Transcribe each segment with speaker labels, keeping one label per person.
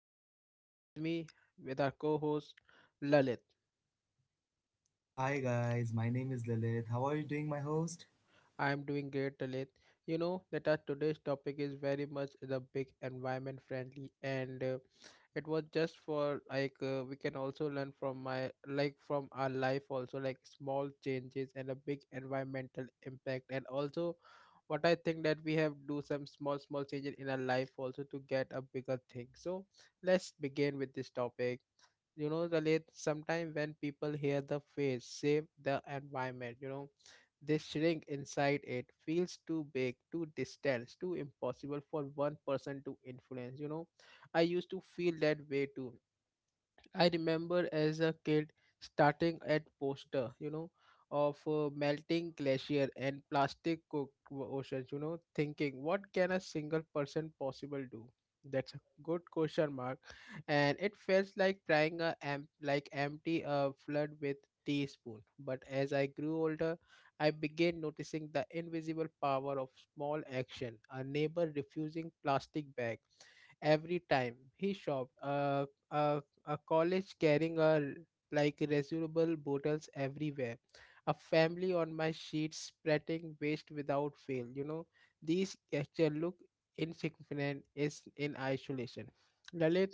Speaker 1: Satyam and with me with our co-host Lalit.
Speaker 2: Hi guys, my name is Lilith. How are you doing, my host?
Speaker 1: I am doing great Lalit. You know that our today's topic is very much the big environment friendly and it was just for we can also learn from my like from our life also like small changes and a big environmental impact and also what I think that we have do some small small changes in our life also to get a bigger thing. So let's begin with this topic. You know relate sometime when people hear the phrase save the environment, you know, they shrink inside. It feels too big, too distant, too impossible for one person to influence, you know. I used to feel that way too. I remember as a kid starting at poster, you know, of melting glacier and plastic cooked oceans, you know, thinking what can a single person possible do? That's a good question mark, and it felt like trying like empty a flood with teaspoon. But as I grew older, I began noticing the invisible power of small action. A neighbor refusing plastic bag every time he shopped. Uh, a college carrying a like reusable bottles everywhere, a family on my sheet spreading waste without fail. You know, these actually look insignificant is in isolation. Lalit,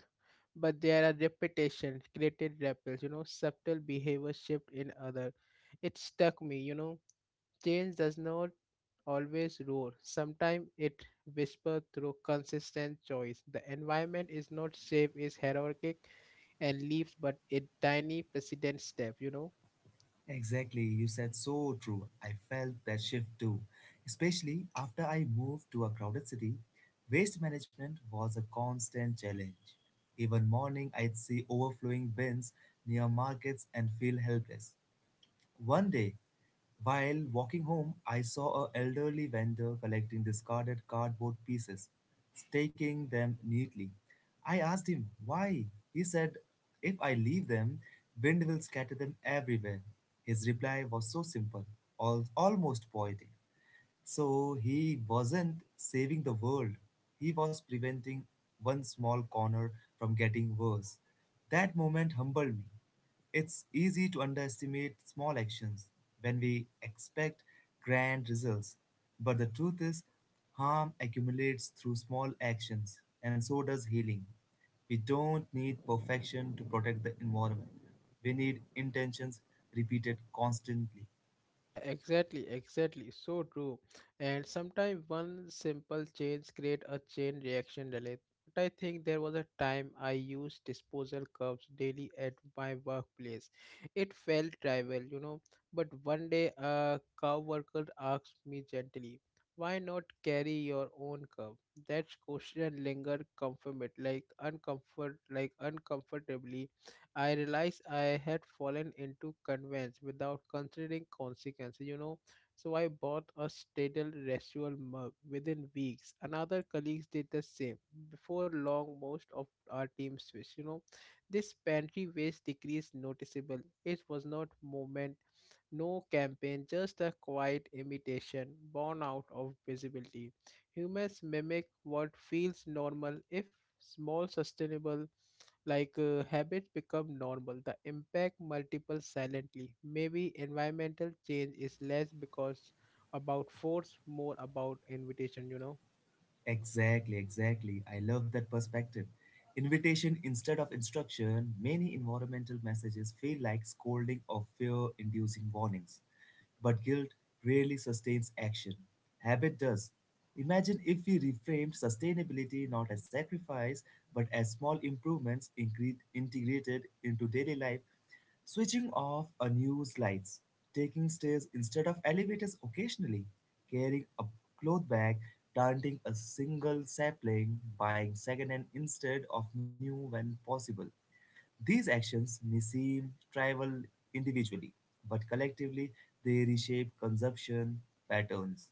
Speaker 1: but there are repetition created ripples. You know, subtle behavior shift in other. It stuck me. You know change does not always roar. Sometimes it whispers through consistent choice. The environment is not safe, is hierarchical and leaves, but a tiny precedent step, you know.
Speaker 2: Exactly, you said so true. I felt that shift too. Especially after I moved to a crowded city, waste management was a constant challenge. Even morning, I'd see overflowing bins near markets and feel helpless. One day, while walking home, I saw an elderly vendor collecting discarded cardboard pieces, staking them neatly. I asked him why. He said, if I leave them, wind will scatter them everywhere. His reply was so simple, almost poetic. So he wasn't saving the world, he was preventing one small corner from getting worse. That moment humbled me. It's easy to underestimate small actions when we expect grand results. But the truth is, harm accumulates through small actions, and so does healing. We don't need perfection to protect the environment. We need intentions repeated constantly.
Speaker 1: Yeah, exactly, exactly. So true. And sometimes one simple change create a chain reaction delay. But I think there was a time I used disposal cups daily at my workplace. It felt trivial, you know. But one day a coworker asked me gently, "Why not carry your own cup?" That question lingered, comfort like uncomfortably I realized I had fallen into convents without considering consequences, you know. So I bought a sterile ritual mug within weeks. Another colleagues did the same. Before long, most of our team switched, you know. This pantry waste decreased noticeable. It was not movement, no campaign, just a quiet imitation born out of visibility. Humans mimic what feels normal if small, sustainable habits become normal. The impact multiples silently. Maybe environmental change is less because about force more about invitation, you know.
Speaker 2: Exactly, exactly. I love that perspective. Invitation instead of instruction, many environmental messages feel like scolding or fear inducing warnings. But guilt rarely sustains action. Habit does. Imagine if we reframed sustainability not as sacrifice but as small improvements integrated into daily life. Switching off a news lights, taking stairs instead of elevators occasionally, carrying a cloth bag, planting a single sapling, buying secondhand instead of new when possible. These actions may seem trivial individually, but collectively they reshape consumption patterns.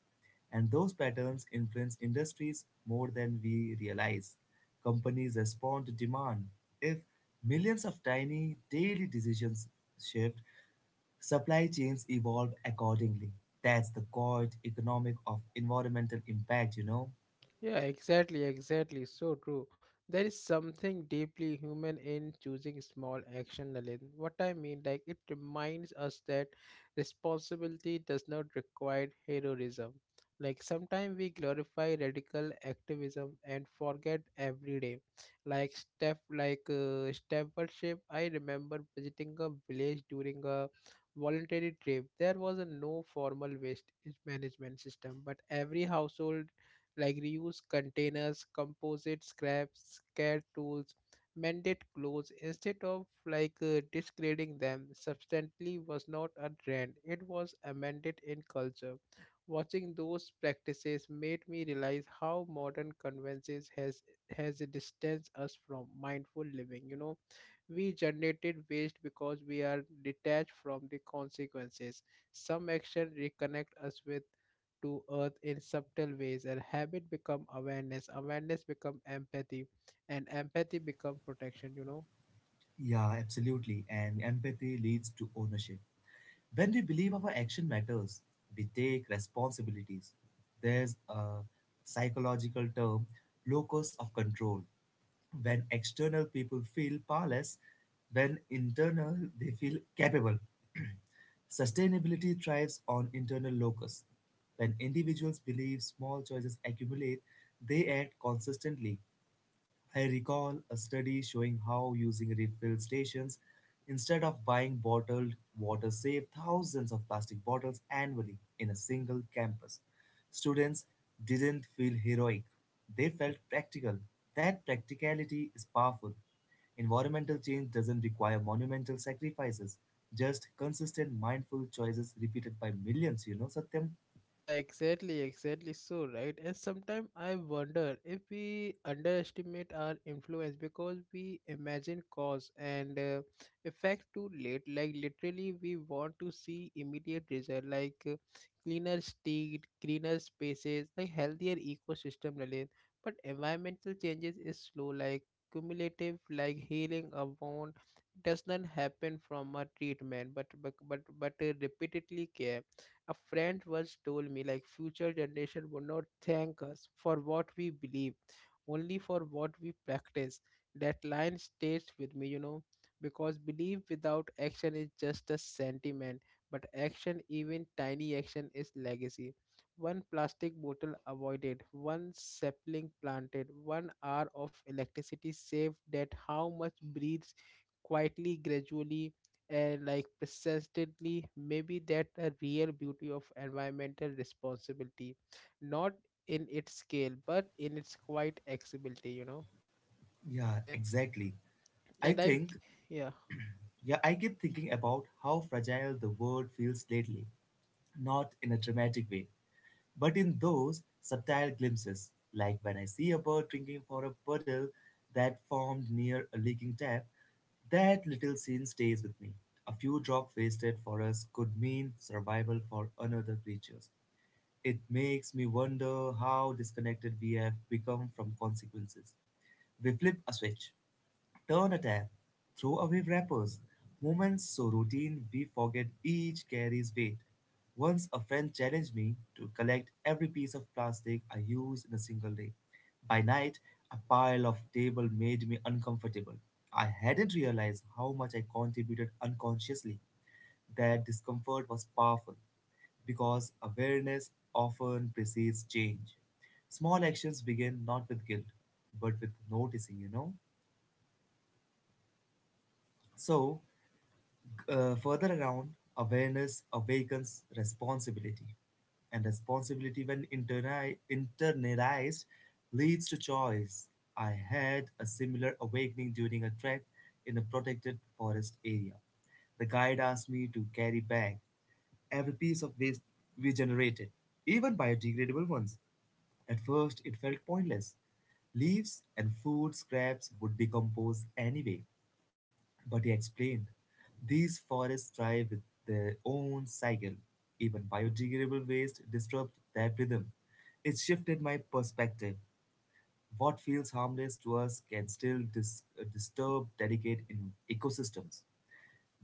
Speaker 2: And those patterns influence industries more than we realize. Companies respond to demand. If millions of tiny daily decisions shift, supply chains evolve accordingly. That's the quiet economic of environmental impact, you know.
Speaker 1: Yeah, exactly, exactly. So true. There is something deeply human in choosing small action, Nalin. What I mean, like, it reminds us that responsibility does not require heroism. Like, sometimes we glorify radical activism and forget every day. Like, stewardship. I remember visiting a village during a voluntary trip. There was a no formal waste management system, but every household like reuse containers, composite scraps, care tools, mended clothes instead of discarding them. Substantially was not a trend; it was amended in culture. Watching those practices made me realize how modern conveniences has distanced us from mindful living. You know we generated waste because we are detached from the consequences. Some action reconnect us with to earth in subtle ways, and habit become awareness, awareness become empathy, and empathy become protection, you know.
Speaker 2: Yeah, absolutely. And empathy leads to ownership. When we believe our action matters, we take responsibilities. There's a psychological term, locus of control. When external people feel powerless, when internal they feel capable. Sustainability thrives on internal locus. When individuals believe small choices accumulate, they act consistently. I recall a study showing how using refill stations instead of buying bottled water saved thousands of plastic bottles annually in a single campus. Students didn't feel heroic, they felt practical. That practicality is powerful. Environmental change doesn't require monumental sacrifices, just consistent mindful choices repeated by millions, you know, Satyam?
Speaker 1: Yeah, exactly, exactly so right. And sometimes I wonder if we underestimate our influence because we imagine cause and effect too late. Like literally, we want to see immediate result, cleaner street, greener spaces, like healthier ecosystem. Really. But environmental changes is slow, like cumulative, like healing a wound does not happen from a treatment, but repeatedly care. A friend once told me like future generation will not thank us for what we believe, only for what we practice. That line stays with me, you know, because belief without action is just a sentiment, but action, even tiny action, is legacy. One plastic bottle avoided, one sapling planted, one hour of electricity saved, that how much breathes quietly, gradually and like persistently. Maybe that a real beauty of environmental responsibility, not in its scale but in its quiet accessibility, you know.
Speaker 2: Yeah,
Speaker 1: And uh,
Speaker 2: exactly. I
Speaker 1: and I
Speaker 2: think
Speaker 1: yeah
Speaker 2: Yeah, I keep thinking about how fragile the world feels lately, not in a dramatic way, but in those subtle glimpses, like when I see a bird drinking from a puddle that formed near a leaking tap. That little scene stays with me. A few drops wasted for us could mean survival for another creatures. It makes me wonder how disconnected we have become from consequences. We flip a switch, turn a tap, throw away wrappers, moments so routine we forget each carries weight. Once a friend challenged me to collect every piece of plastic I used in a single day. By night, a pile of table made me uncomfortable. I hadn't realized how much I contributed unconsciously. That discomfort was powerful because awareness often precedes change. Small actions begin not with guilt, but with noticing, you know. So, further around, awareness awakens responsibility. And responsibility, when internalized, leads to choice. I had a similar awakening during a trek in a protected forest area. The guide asked me to carry back every piece of waste we generated, even biodegradable ones. At first, it felt pointless. Leaves and food scraps would decompose anyway. But he explained, these forests thrive with their own cycle. Even biodegradable waste disrupts that rhythm. It shifted my perspective. What feels harmless to us can still disturb delicate in ecosystems.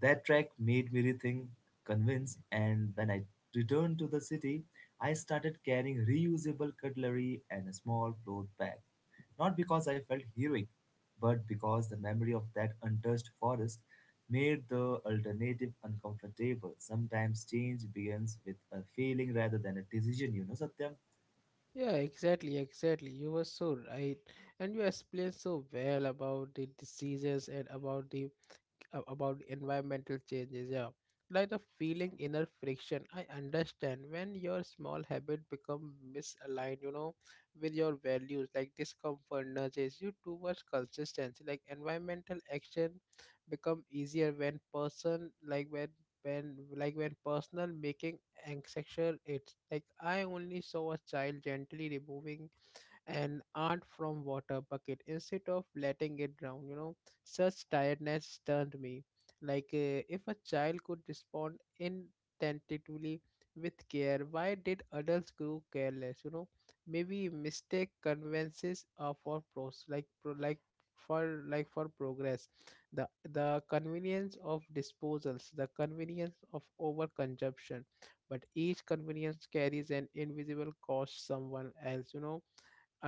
Speaker 2: That track made me rethink, convince, and when I returned to the city, I started carrying reusable cutlery and a small cloth bag. Not because I felt heroic, but because the memory of that untouched forest made the alternative uncomfortable. Sometimes change begins with a feeling rather than a decision, you know, Satyam?
Speaker 1: Yeah, exactly, exactly, you were so right. And you explained so well about the diseases and about the about environmental changes, yeah. Like the feeling inner friction, I understand when your small habit become misaligned, you know, with your values. Like discomfort nudges you towards consistency. Like environmental action become easier when person like when personal making anxious. It's like I only saw a child gently removing and aunt from water bucket instead of letting it drown, you know. Such tiredness stunned me. If a child could respond inattentively with care, why did adults grow careless, you know? Maybe mistake convinces for pros like pro, like for progress. The the convenience of disposals, the convenience of overconsumption, but each convenience carries an invisible cost someone else, you know.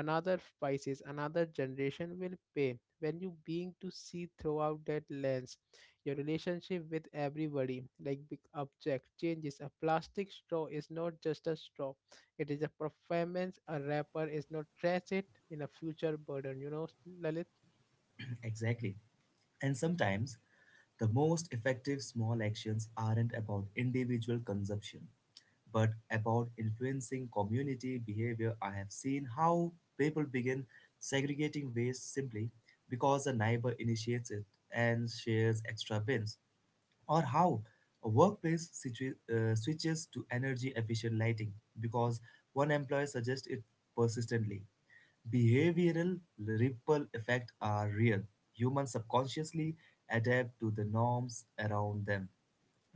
Speaker 1: Another prices, another generation will pay when you being to see throughout that lens. Your relationship with everybody like big object changes. A plastic straw is not just a straw, it is a performance. A rapper is not trash, it in a future burden, you know, Lalit.
Speaker 2: Exactly. And sometimes the most effective small actions aren't about individual consumption, but about influencing community behavior. I have seen how people begin segregating waste simply because a neighbor initiates it and shares extra bins, or how a workplace switches to energy efficient lighting because one employee suggests it persistently. Behavioral ripple effects are real. Humans subconsciously adapt to the norms around them.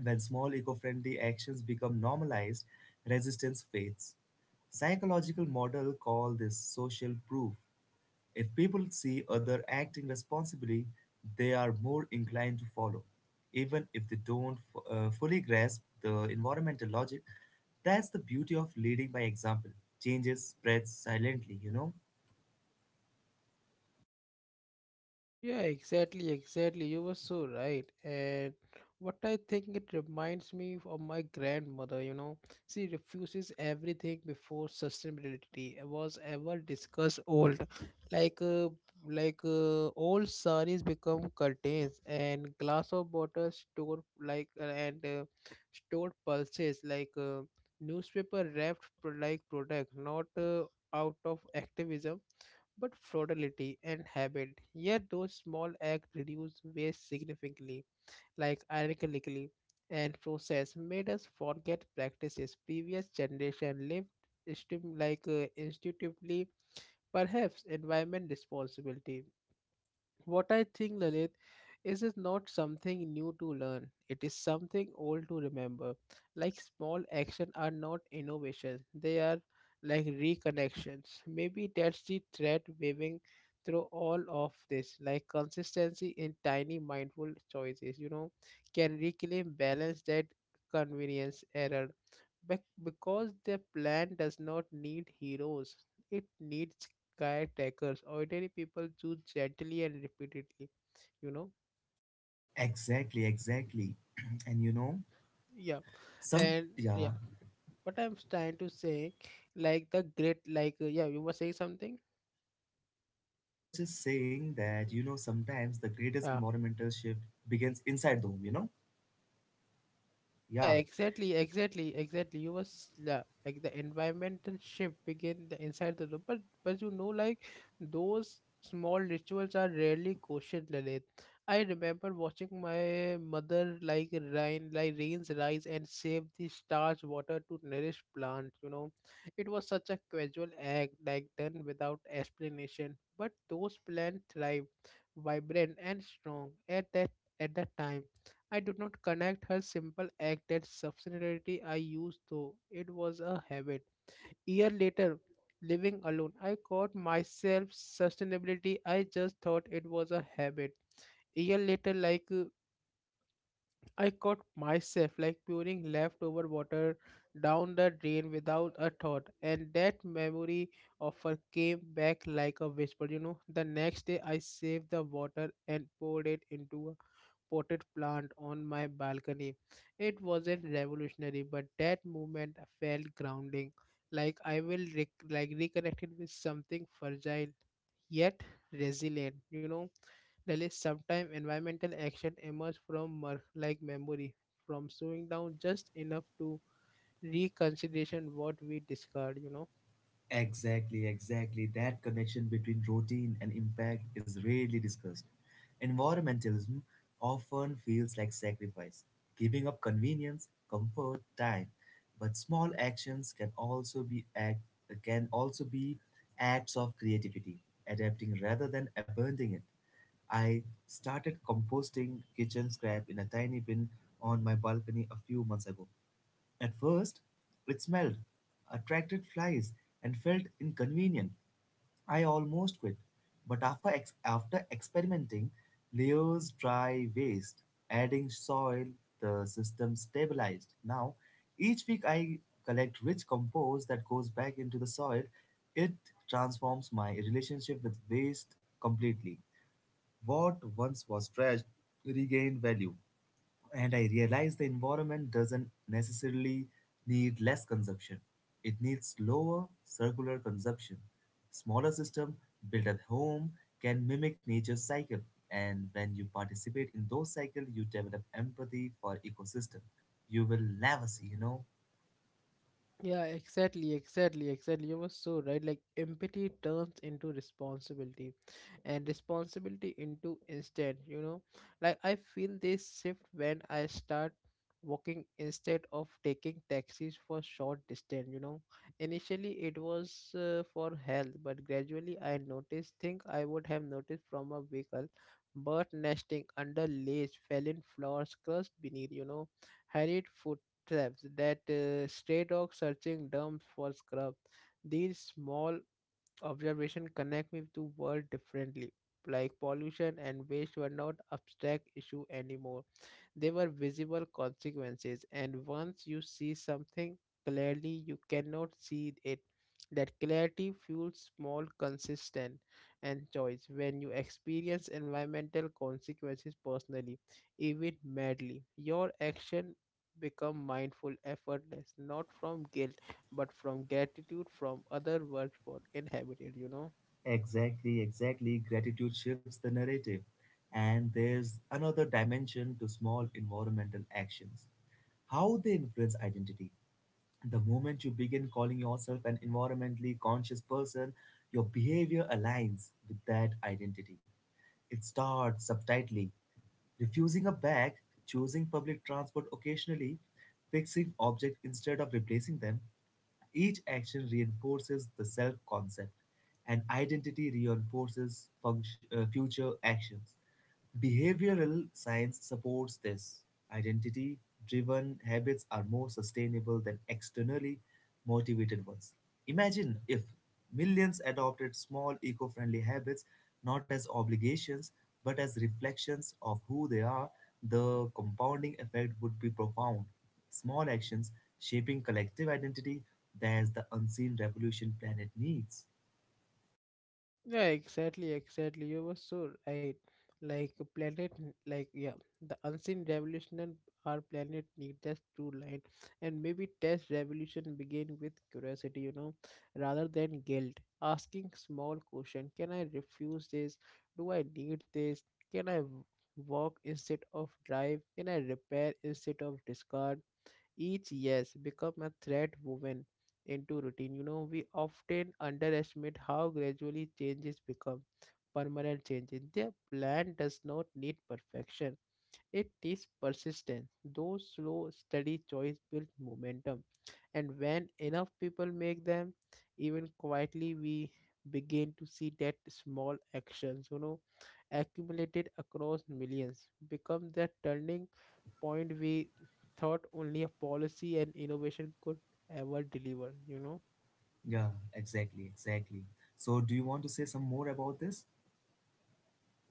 Speaker 2: When small eco friendly actions become normalized, resistance fades. Psychological models call this social proof. If people see others acting responsibly, they are more inclined to follow. Even if they don't fully grasp the environmental logic, that's the beauty of leading by example. Changes spreads silently, you know.
Speaker 1: Yeah, exactly, exactly. You were so right. And what I think, it reminds me of my grandmother, you know. She refuses everything before sustainability was ever discussed old. Like uh, Old saris become curtains and glass of water store like and stored pulses newspaper wrapped product, not out of activism but frugality and habit. Yet those small acts reduce waste significantly, like ironically, and process made us forget practices previous generation lived instinctively. Perhaps environment responsibility, what I think, Lalit, is it not something new to learn. It is something old to remember. Like small actions are not innovations, they are like reconnections. Maybe that's the thread waving through all of this. Like consistency in tiny mindful choices, you know, can reclaim balance that convenience error. Because the plan does not need heroes, it needs caretakers. Ordinary people choose gently and repeatedly, you know.
Speaker 2: Exactly, exactly. And you know,
Speaker 1: Yeah, and
Speaker 2: yeah,
Speaker 1: yeah, what I'm trying to say, like the great, yeah, you were saying something.
Speaker 2: I was just saying that, you know, sometimes the greatest environmental shift begins inside the home, you know?
Speaker 1: Yeah,
Speaker 2: Yeah,
Speaker 1: exactly, exactly, exactly. You was yeah, like the environmental shift begin the, inside the room, but you know, like those small rituals are rarely questioned, Lalit. I remember watching my mother rains rise and save the starch water to nourish plants. You know, it was such a casual act, like done without explanation. But those plants thrive, vibrant and strong at that time. I do not connect her simple act that subsidiarity I used though it was a habit. Year later, living alone, I caught myself sustainability. I just thought it was a habit. Year later, I caught myself like pouring leftover water down the drain without a thought, and that memory of her came back like a whisper. You know, the next day I saved the water and poured it into a potted plant on my balcony. It wasn't revolutionary, but that moment felt grounding, like reconnected with something fragile yet resilient. You know, there is sometimes environmental action emerge from memory, from slowing down just enough to reconsideration what we discard. You know.
Speaker 2: exactly, exactly. That connection between routine and impact is rarely discussed. Environmentalism often feels like sacrifice, giving up convenience, comfort, time. But small actions can also be acts of creativity, adapting rather than abandoning it. I started composting kitchen scrap in a tiny bin on my balcony a few months ago. At first, it smelled, attracted flies, and felt inconvenient. I almost quit. But after experimenting, layers dry waste, adding soil, the system stabilized. Now, each week I collect rich compost that goes back into the soil. It transforms my relationship with waste completely. What once was trash regained value. And I realize the environment doesn't necessarily need less consumption. It needs lower circular consumption. Smaller system built at home can mimic nature's cycle. And when you participate in those cycles, you develop empathy for ecosystem. You will never see, you know.
Speaker 1: Yeah, exactly, exactly, exactly. You were so right. Like empathy turns into responsibility and responsibility into instead, you know. Like I feel this shift when I start walking instead of taking taxis for short distance, you know. Initially it was for health, but gradually I noticed think I would have noticed from a vehicle bird nesting under lace, fallen flowers crushed beneath, you know, hurried foot traps that stray dogs searching dumps for scrub. These small observation connect me to world differently. Like pollution and waste were not abstract issue anymore, they were visible consequences, and once you see something clearly you cannot see it. That clarity fuels small consistent and choice. When you experience environmental consequences personally, even madly, your action become mindful effortless, not from guilt but from gratitude from other world for inhabited, you know.
Speaker 2: Exactly, exactly. Gratitude shifts the narrative. And there's another dimension to small environmental actions, how they influence identity. The moment you begin calling yourself an environmentally conscious person, your behavior aligns with that identity. It starts subtly, refusing a bag, choosing public transport occasionally, fixing objects instead of replacing them. Each action reinforces the self concept, and identity reinforces future actions. Behavioral science supports this. Identity driven habits are more sustainable than externally motivated ones. Imagine if millions adopted small eco friendly habits not as obligations but as reflections of who they are, the compounding effect would be profound. Small actions shaping collective identity, there's the unseen revolution planet needs.
Speaker 1: Yeah, exactly, exactly, you were so right. Like yeah, the unseen revolution, and our planet need us to line. And maybe test revolution begin with curiosity, you know, rather than guilt, asking small question. Can I refuse this? Do I need this? can i w- walk instead of drive? Can I repair instead of discard? Each yes become a thread woven into routine. You know, we often underestimate how gradually changes become permanent changes. Their plan does not need perfection. It is persistence. Those slow, steady choice build momentum. And when enough people make them, even quietly, we begin to see that small actions, accumulated across millions, become that turning point we thought only a policy and innovation could ever deliver.
Speaker 2: Yeah, exactly, exactly. So, do you want to say some more about this?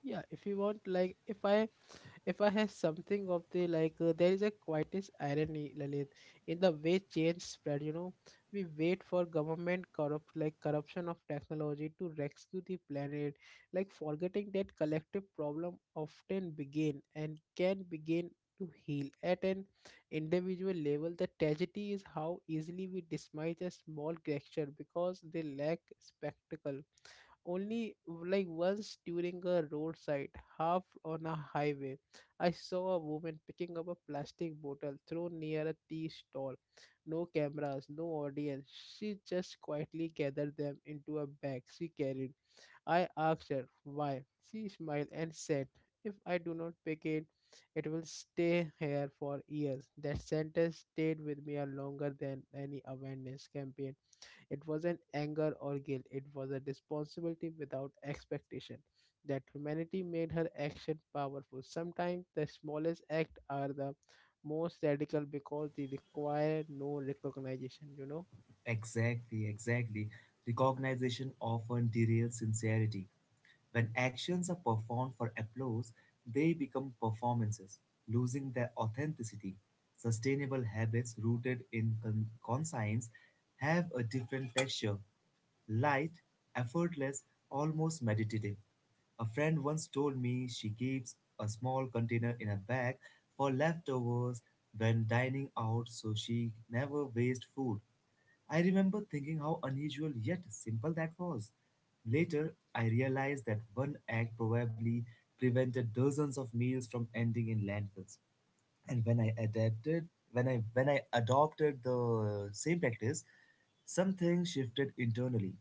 Speaker 1: Yeah, if you want, like if I have something of the like, there is a quietest irony, Lalit, in the way change spread. You know, we wait for government corrupt like corruption of technology to rescue the planet, like forgetting that collective problem often begin and can begin to heal at an individual level. The tragedy is how easily we dismiss a small gesture because they lack spectacle only. Like once during a roadside half on a highway, I saw a woman picking up a plastic bottle thrown near a tea stall. No cameras, no audience, she just quietly gathered them into a bag she carried. I asked her why. She smiled and said, if I do not pick it, it will stay here for years. That sentence stayed with me a longer than any awareness campaign. It wasn't anger or guilt, it was a responsibility without expectation. That humanity made her action powerful. Sometimes the smallest act are the most radical because they require no recognition, you know?
Speaker 2: Exactly, exactly. Recognition often derails sincerity. When actions are performed for applause, they become performances, losing their authenticity. Sustainable habits rooted in conscience have a different texture, light, effortless, almost meditative. A friend once told me she keeps a small container in a bag for leftovers when dining out so she never wastes food. I remember thinking how unusual yet simple that was. Later, I realized that one act probably prevented dozens of meals from ending in landfills, and when I adapted when I adopted the same practice, something shifted internally.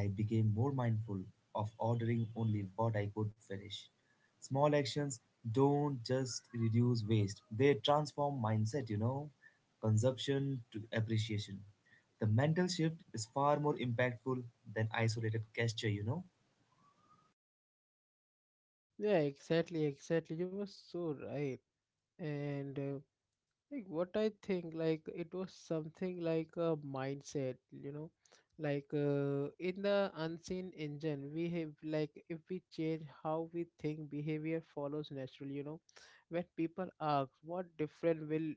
Speaker 2: I became more mindful of ordering only what I could finish. Small actions don't just reduce waste, they transform mindset, you know, consumption to appreciation. The mental shift is far more impactful than isolated gesture, you know.
Speaker 1: Yeah, exactly, exactly. You were so right. And Like what I think, like it was something like a mindset, you know, like in the unseen engine, we have like if we change how we think, behavior follows naturally. You know, when people ask what different will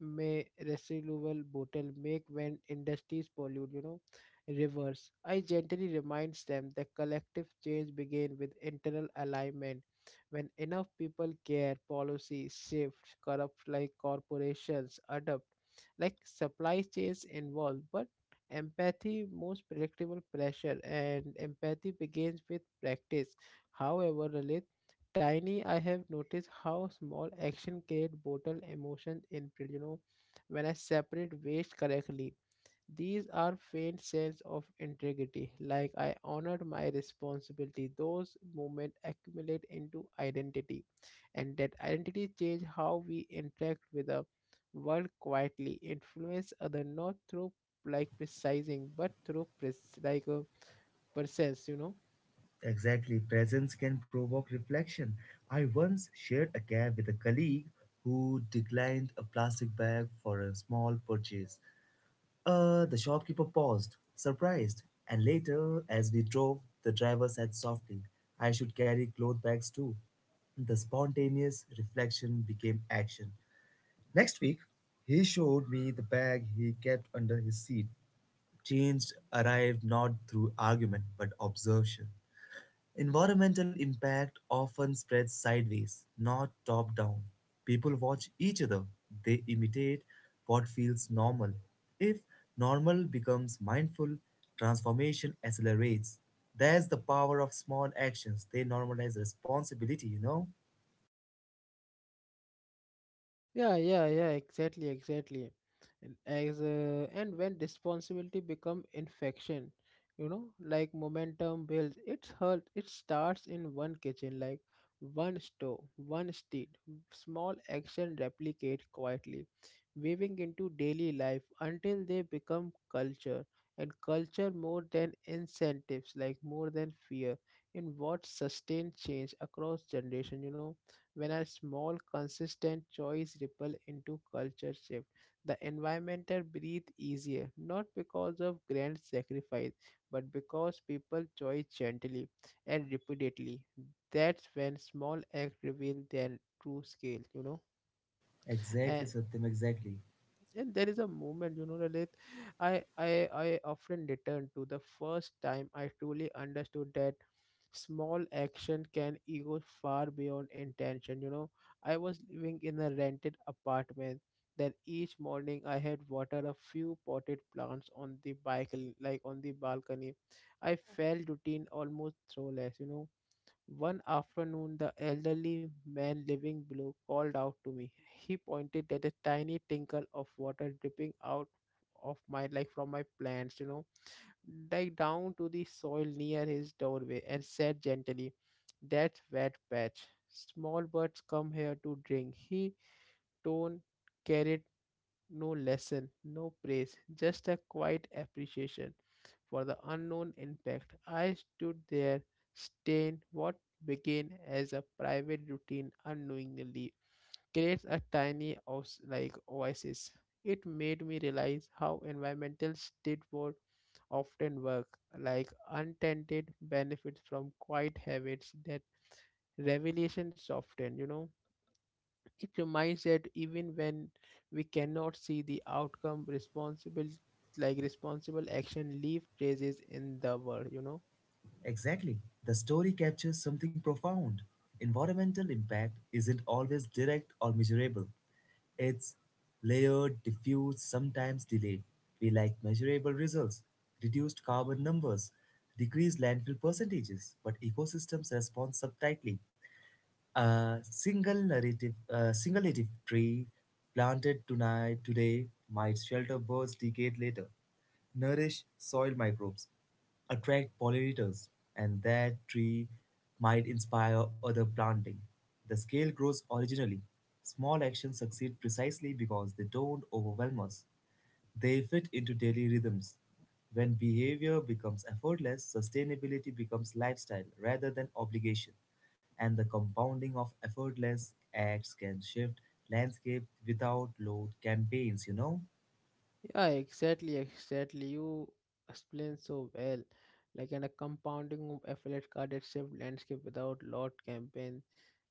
Speaker 1: may residual bottle make when industries pollute, you know, rivers, I gently reminds them the collective change begin with internal alignment. When enough people care, policy shifts. Corrupt like corporations adopt, like supply chains involve. But empathy most predictable pressure, and empathy begins with practice. However, Lalit, tiny I have noticed how small action create brutal emotions in, you know, when I separate waste correctly. These are faint sense of integrity, like I honored my responsibility. Those moments accumulate into identity, and that identity change how we interact with the world quietly, influence other not through like precising, but through process. You know.
Speaker 2: Exactly, presence can provoke reflection. I once shared a cab with a colleague who declined a plastic bag for a small purchase. The shopkeeper paused, surprised, and later, as we drove, the driver said softly, I should carry cloth bags too. The spontaneous reflection became action. Next week, he showed me the bag he kept under his seat. Change arrived not through argument but observation. Environmental impact often spreads sideways, not top down. People watch each other, they imitate what feels normal. If normal becomes mindful, transformation accelerates. That's the power of small actions. They normalize responsibility, you know?
Speaker 1: Yeah, yeah, yeah, exactly, exactly. And as and when responsibility become infection, you know, like momentum builds. It's hurt, it starts in one kitchen, like one stove, one street. Small action replicate quietly, weaving into daily life until they become culture. And culture more than incentives, like more than fear, in what sustain change across generation, you know, when a small, consistent choice ripple into culture shift, the environmental breathe easier, not because of grand sacrifice, but because people choose gently and repeatedly. That's when small act reveal their true scale, you know.
Speaker 2: Exactly, Satyam, exactly.
Speaker 1: And there is a moment, you know, Lalit, I often return to the first time I truly understood that small action can go far beyond intention, you know. I was living in a rented apartment, that each morning I had watered a few potted plants on the bike, like on the balcony. I felt routine almost soulless, you know. One afternoon, the elderly man living below called out to me. He pointed at a tiny tinkle of water dripping out of my, like from my plants, you know, like down to the soil near his doorway, and said gently, "That's wet patch. Small birds come here to drink." He tone carried no lesson, no praise, just a quiet appreciation for the unknown impact. I stood there, stained what began as a private routine unknowingly creates a tiny oasis. It made me realize how environmental state board often work, like untented benefits from quiet habits. That revelation soften, you know. It reminds that even when we cannot see the outcome, responsible like responsible action leave traces in the world, you know.
Speaker 2: Exactly. The story captures something profound. Environmental impact isn't always direct or measurable. It's layered, diffuse, sometimes delayed. We like measurable results, reduced carbon numbers, decreased landfill percentages, but ecosystems respond subtly. A single narrative, a single native tree planted tonight today might shelter birds decades later, nourish soil microbes, attract pollinators, and that tree might inspire other planting. The scale grows originally. Small actions succeed precisely because they don't overwhelm us. They fit into daily rhythms. When behavior becomes effortless, sustainability becomes lifestyle rather than obligation, and the compounding of effortless acts can shift landscape without loud campaigns, you know?
Speaker 1: Yeah, exactly, exactly. You explained so well. Like and a compounding of affiliate card that shift landscape without lot campaign.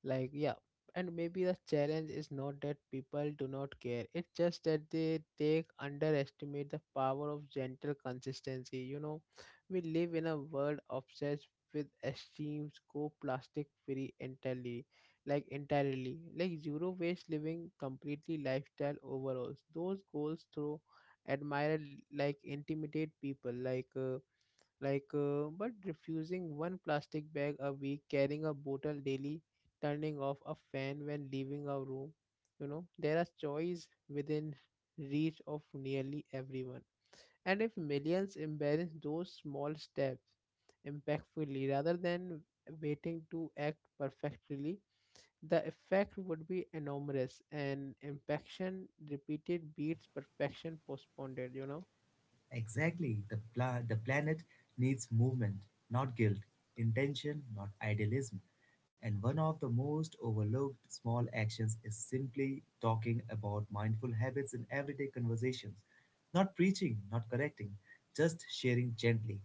Speaker 1: Like yeah. And maybe the challenge is not that people do not care. It's just that they take underestimate the power of gentle consistency. You know, we live in a world obsessed with extremes, go plastic free entirely, like zero waste living, completely lifestyle overalls. Those goals through admire like intimidate people but refusing one plastic bag a week, carrying a bottle daily, turning off a fan when leaving a room, you know, there are choice within reach of nearly everyone. And if millions embrace those small steps impactfully rather than waiting to act perfectly, the effect would be enormous, and impection repeated beats perfection postponed, you know.
Speaker 2: Exactly. The planet needs movement, not guilt, intention, not idealism. And one of the most overlooked small actions is simply talking about mindful habits in everyday conversations. Not preaching, not correcting, just sharing gently.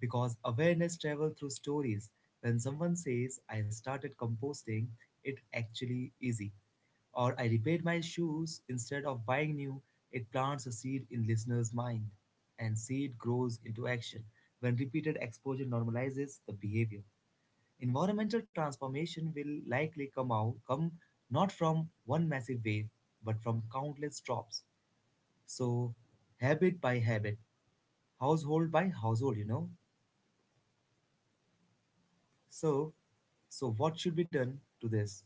Speaker 2: Because awareness travels through stories. When someone says, I started composting, it actually easy, or I repaired my shoes instead of buying new, it plants a seed in listener's mind. And seed grows into action. When repeated exposure normalizes the behavior, environmental transformation will likely come not from one massive wave, but from countless drops. So habit by habit, household by household, you know. So so what should be done to this?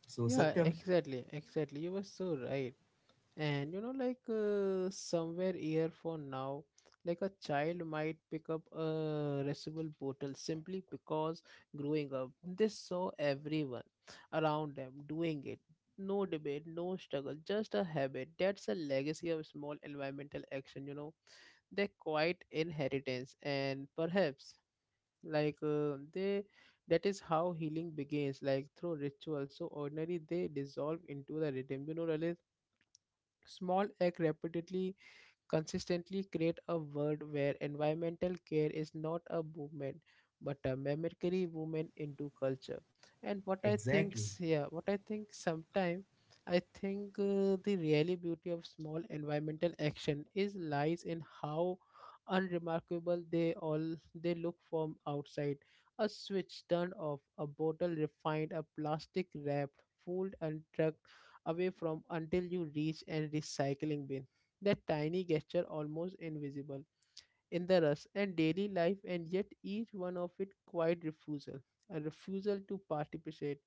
Speaker 2: So
Speaker 1: Yeah,
Speaker 2: Satyam,
Speaker 1: exactly, exactly. You were so right. And you know, like somewhere here for now, like a child might pick up a reusable bottle simply because growing up they saw everyone around them doing it. No debate, no struggle, just a habit. That's a legacy of small environmental action, you know, their quiet inheritance, and perhaps like they that is how healing begins, like through rituals so ordinary they dissolve into the rhythm, you know. Really small act repeatedly, consistently create a world where environmental care is not a movement but a mimicry movement into culture. And what I think
Speaker 2: exactly.
Speaker 1: s- yeah What I think sometime, I think the really beauty of small environmental action is lies in how unremarkable they look from outside. A switch turned off, a bottle refined, a plastic wrapped fooled and tucked away from until you reach and recycling bin. That tiny gesture almost invisible in the rush and daily life, and yet each one of it quiet refusal, a refusal to participate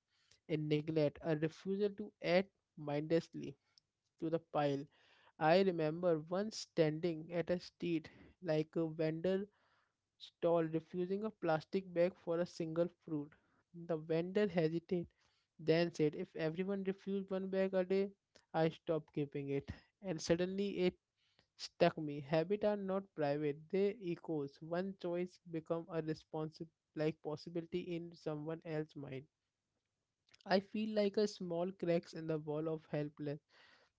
Speaker 1: in neglect, a refusal to add mindlessly to the pile. I remember once standing at a street, like a vendor stall, refusing a plastic bag for a single fruit. The vendor hesitated, then said, if everyone refused one bag a day, I stop keeping it. And suddenly it struck me. Habits are not private, they echoes. One choice become a responsive like possibility in someone else's mind. I feel like a small cracks in the wall of helpless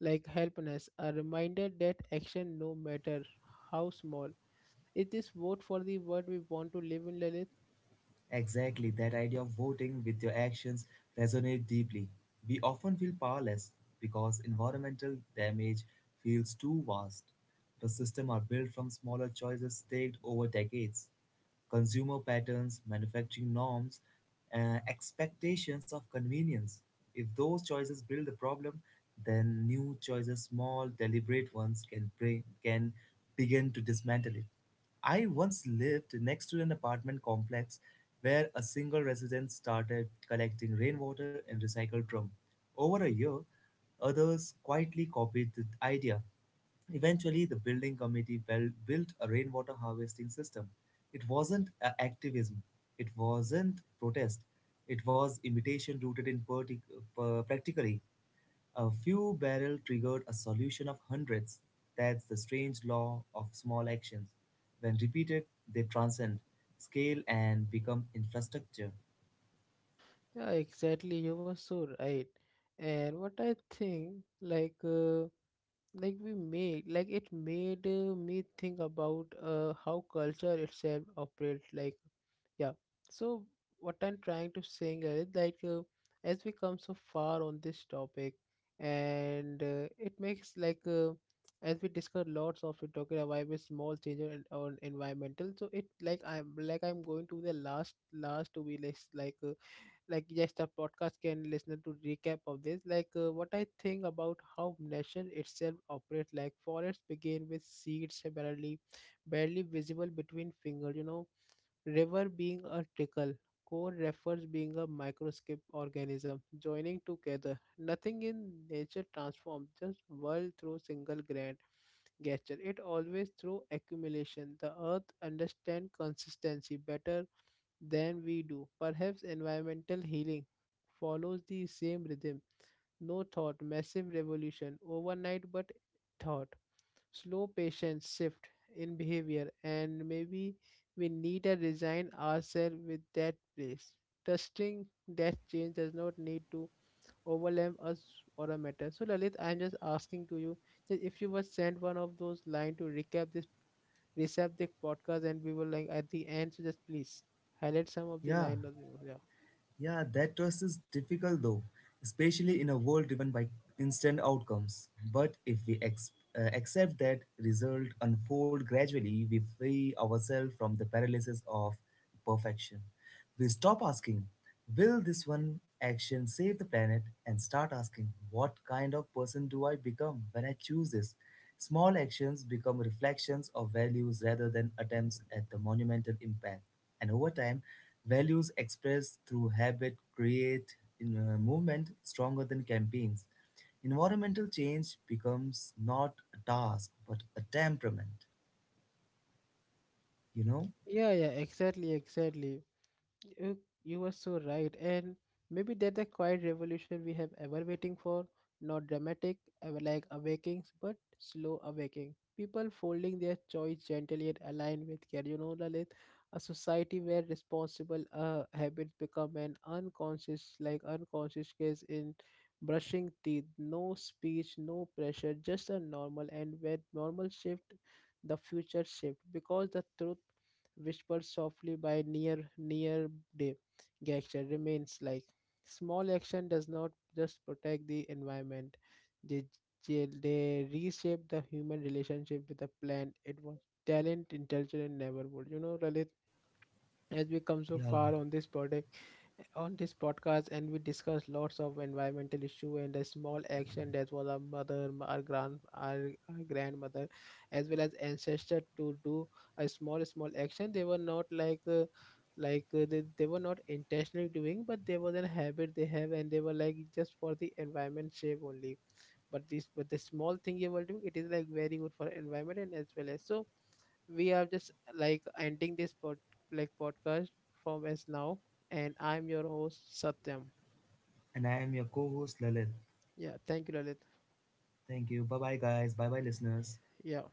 Speaker 1: like helplessness, a reminder that action no matter how small it is, vote for the world we want to live in, Lalit?
Speaker 2: Exactly, that idea of voting with your actions resonates deeply. We often feel powerless because environmental damage feels too vast. The systems are built from smaller choices staked over decades. Consumer patterns, manufacturing norms, expectations of convenience. If those choices build the problem, then new choices, small, deliberate ones, can begin to dismantle it. I once lived next to an apartment complex where a single resident started collecting rainwater in recycled drum. Over a year, others quietly copied the idea. Eventually, the building committee built a rainwater harvesting system. It wasn't a activism, it wasn't protest, it was imitation rooted in practically. A few barrel triggered a solution of hundreds. That's the strange law of small actions. When repeated, they transcend scale and become infrastructure.
Speaker 1: Yeah, exactly. You were so right. And what I think, like, uh, like we made, like it made me think about how culture itself operates. Like, yeah. So what I'm trying to saying is like, as we come so far on this topic, and it makes like. As we discuss lots of it talking about with small changes and on environmental, so it like I'm going to the last to be less like just a podcast can listener to recap of this, like what I think about how nation itself operates. Like forests begin with seeds barely visible between finger, you know. River being a trickle, core refers being a microscope organism joining together. Nothing in nature transforms just world through single grand gesture, it always through accumulation. The earth understand consistency better than we do. Perhaps environmental healing follows the same rhythm. No thought, massive revolution overnight, but thought, slow, patient shift in behavior, and maybe we need to resign ourselves with that place. Trusting that change does not need to overwhelm us or a matter. So, Lalit, I'm just asking to you that if you were sent one of those line to recap this, recap the podcast, and we will like at the end, so just please highlight some of the
Speaker 2: Yeah,
Speaker 1: line of the yeah.
Speaker 2: yeah, that trust is difficult though, especially in a world driven by instant outcomes. But if we accept that result unfold gradually, we free ourselves from the paralysis of perfection. We stop asking, will this one action save the planet? And start asking, what kind of person do I become when I choose this? Small actions become reflections of values rather than attempts at the monumental impact. And over time, values expressed through habit create in a movement stronger than campaigns. Environmental change becomes not a task but a temperament, you know?
Speaker 1: Yeah, yeah, exactly, exactly. You, you are so right, and maybe that the quiet revolution we have ever waiting for, not dramatic, ever like awakings, but slow awaking. People folding their choice gently and aligned with care. You know, Lalit, a society where responsible habits become an unconscious, like unconscious case in brushing teeth, no speech, no pressure, just a normal, and where normal shift, the future shift, because the truth whispered softly by near day gesture remains like small action does not just protect the environment, they, they reshape the human relationship with a plan. It was talent intelligent and neighborhood, you know, Lalit, as we come so
Speaker 2: Yeah.
Speaker 1: far on this product, on this podcast, and we discussed lots of environmental issue and a small action that was our mother, our grand, our grandmother as well as ancestor to do a small action. They were not like they were not intentionally doing, but there was a habit they have, and they were like just for the environment shape only. But this, but the small thing you were doing, it is like very good for environment and as well as. So we are just like ending this podcast from us now, and I'm your host, Satyam.
Speaker 2: And I am your co host Lalit.
Speaker 1: Yeah, thank you, Lalit.
Speaker 2: Thank you. Bye bye, guys. Bye bye, listeners.
Speaker 1: Yeah.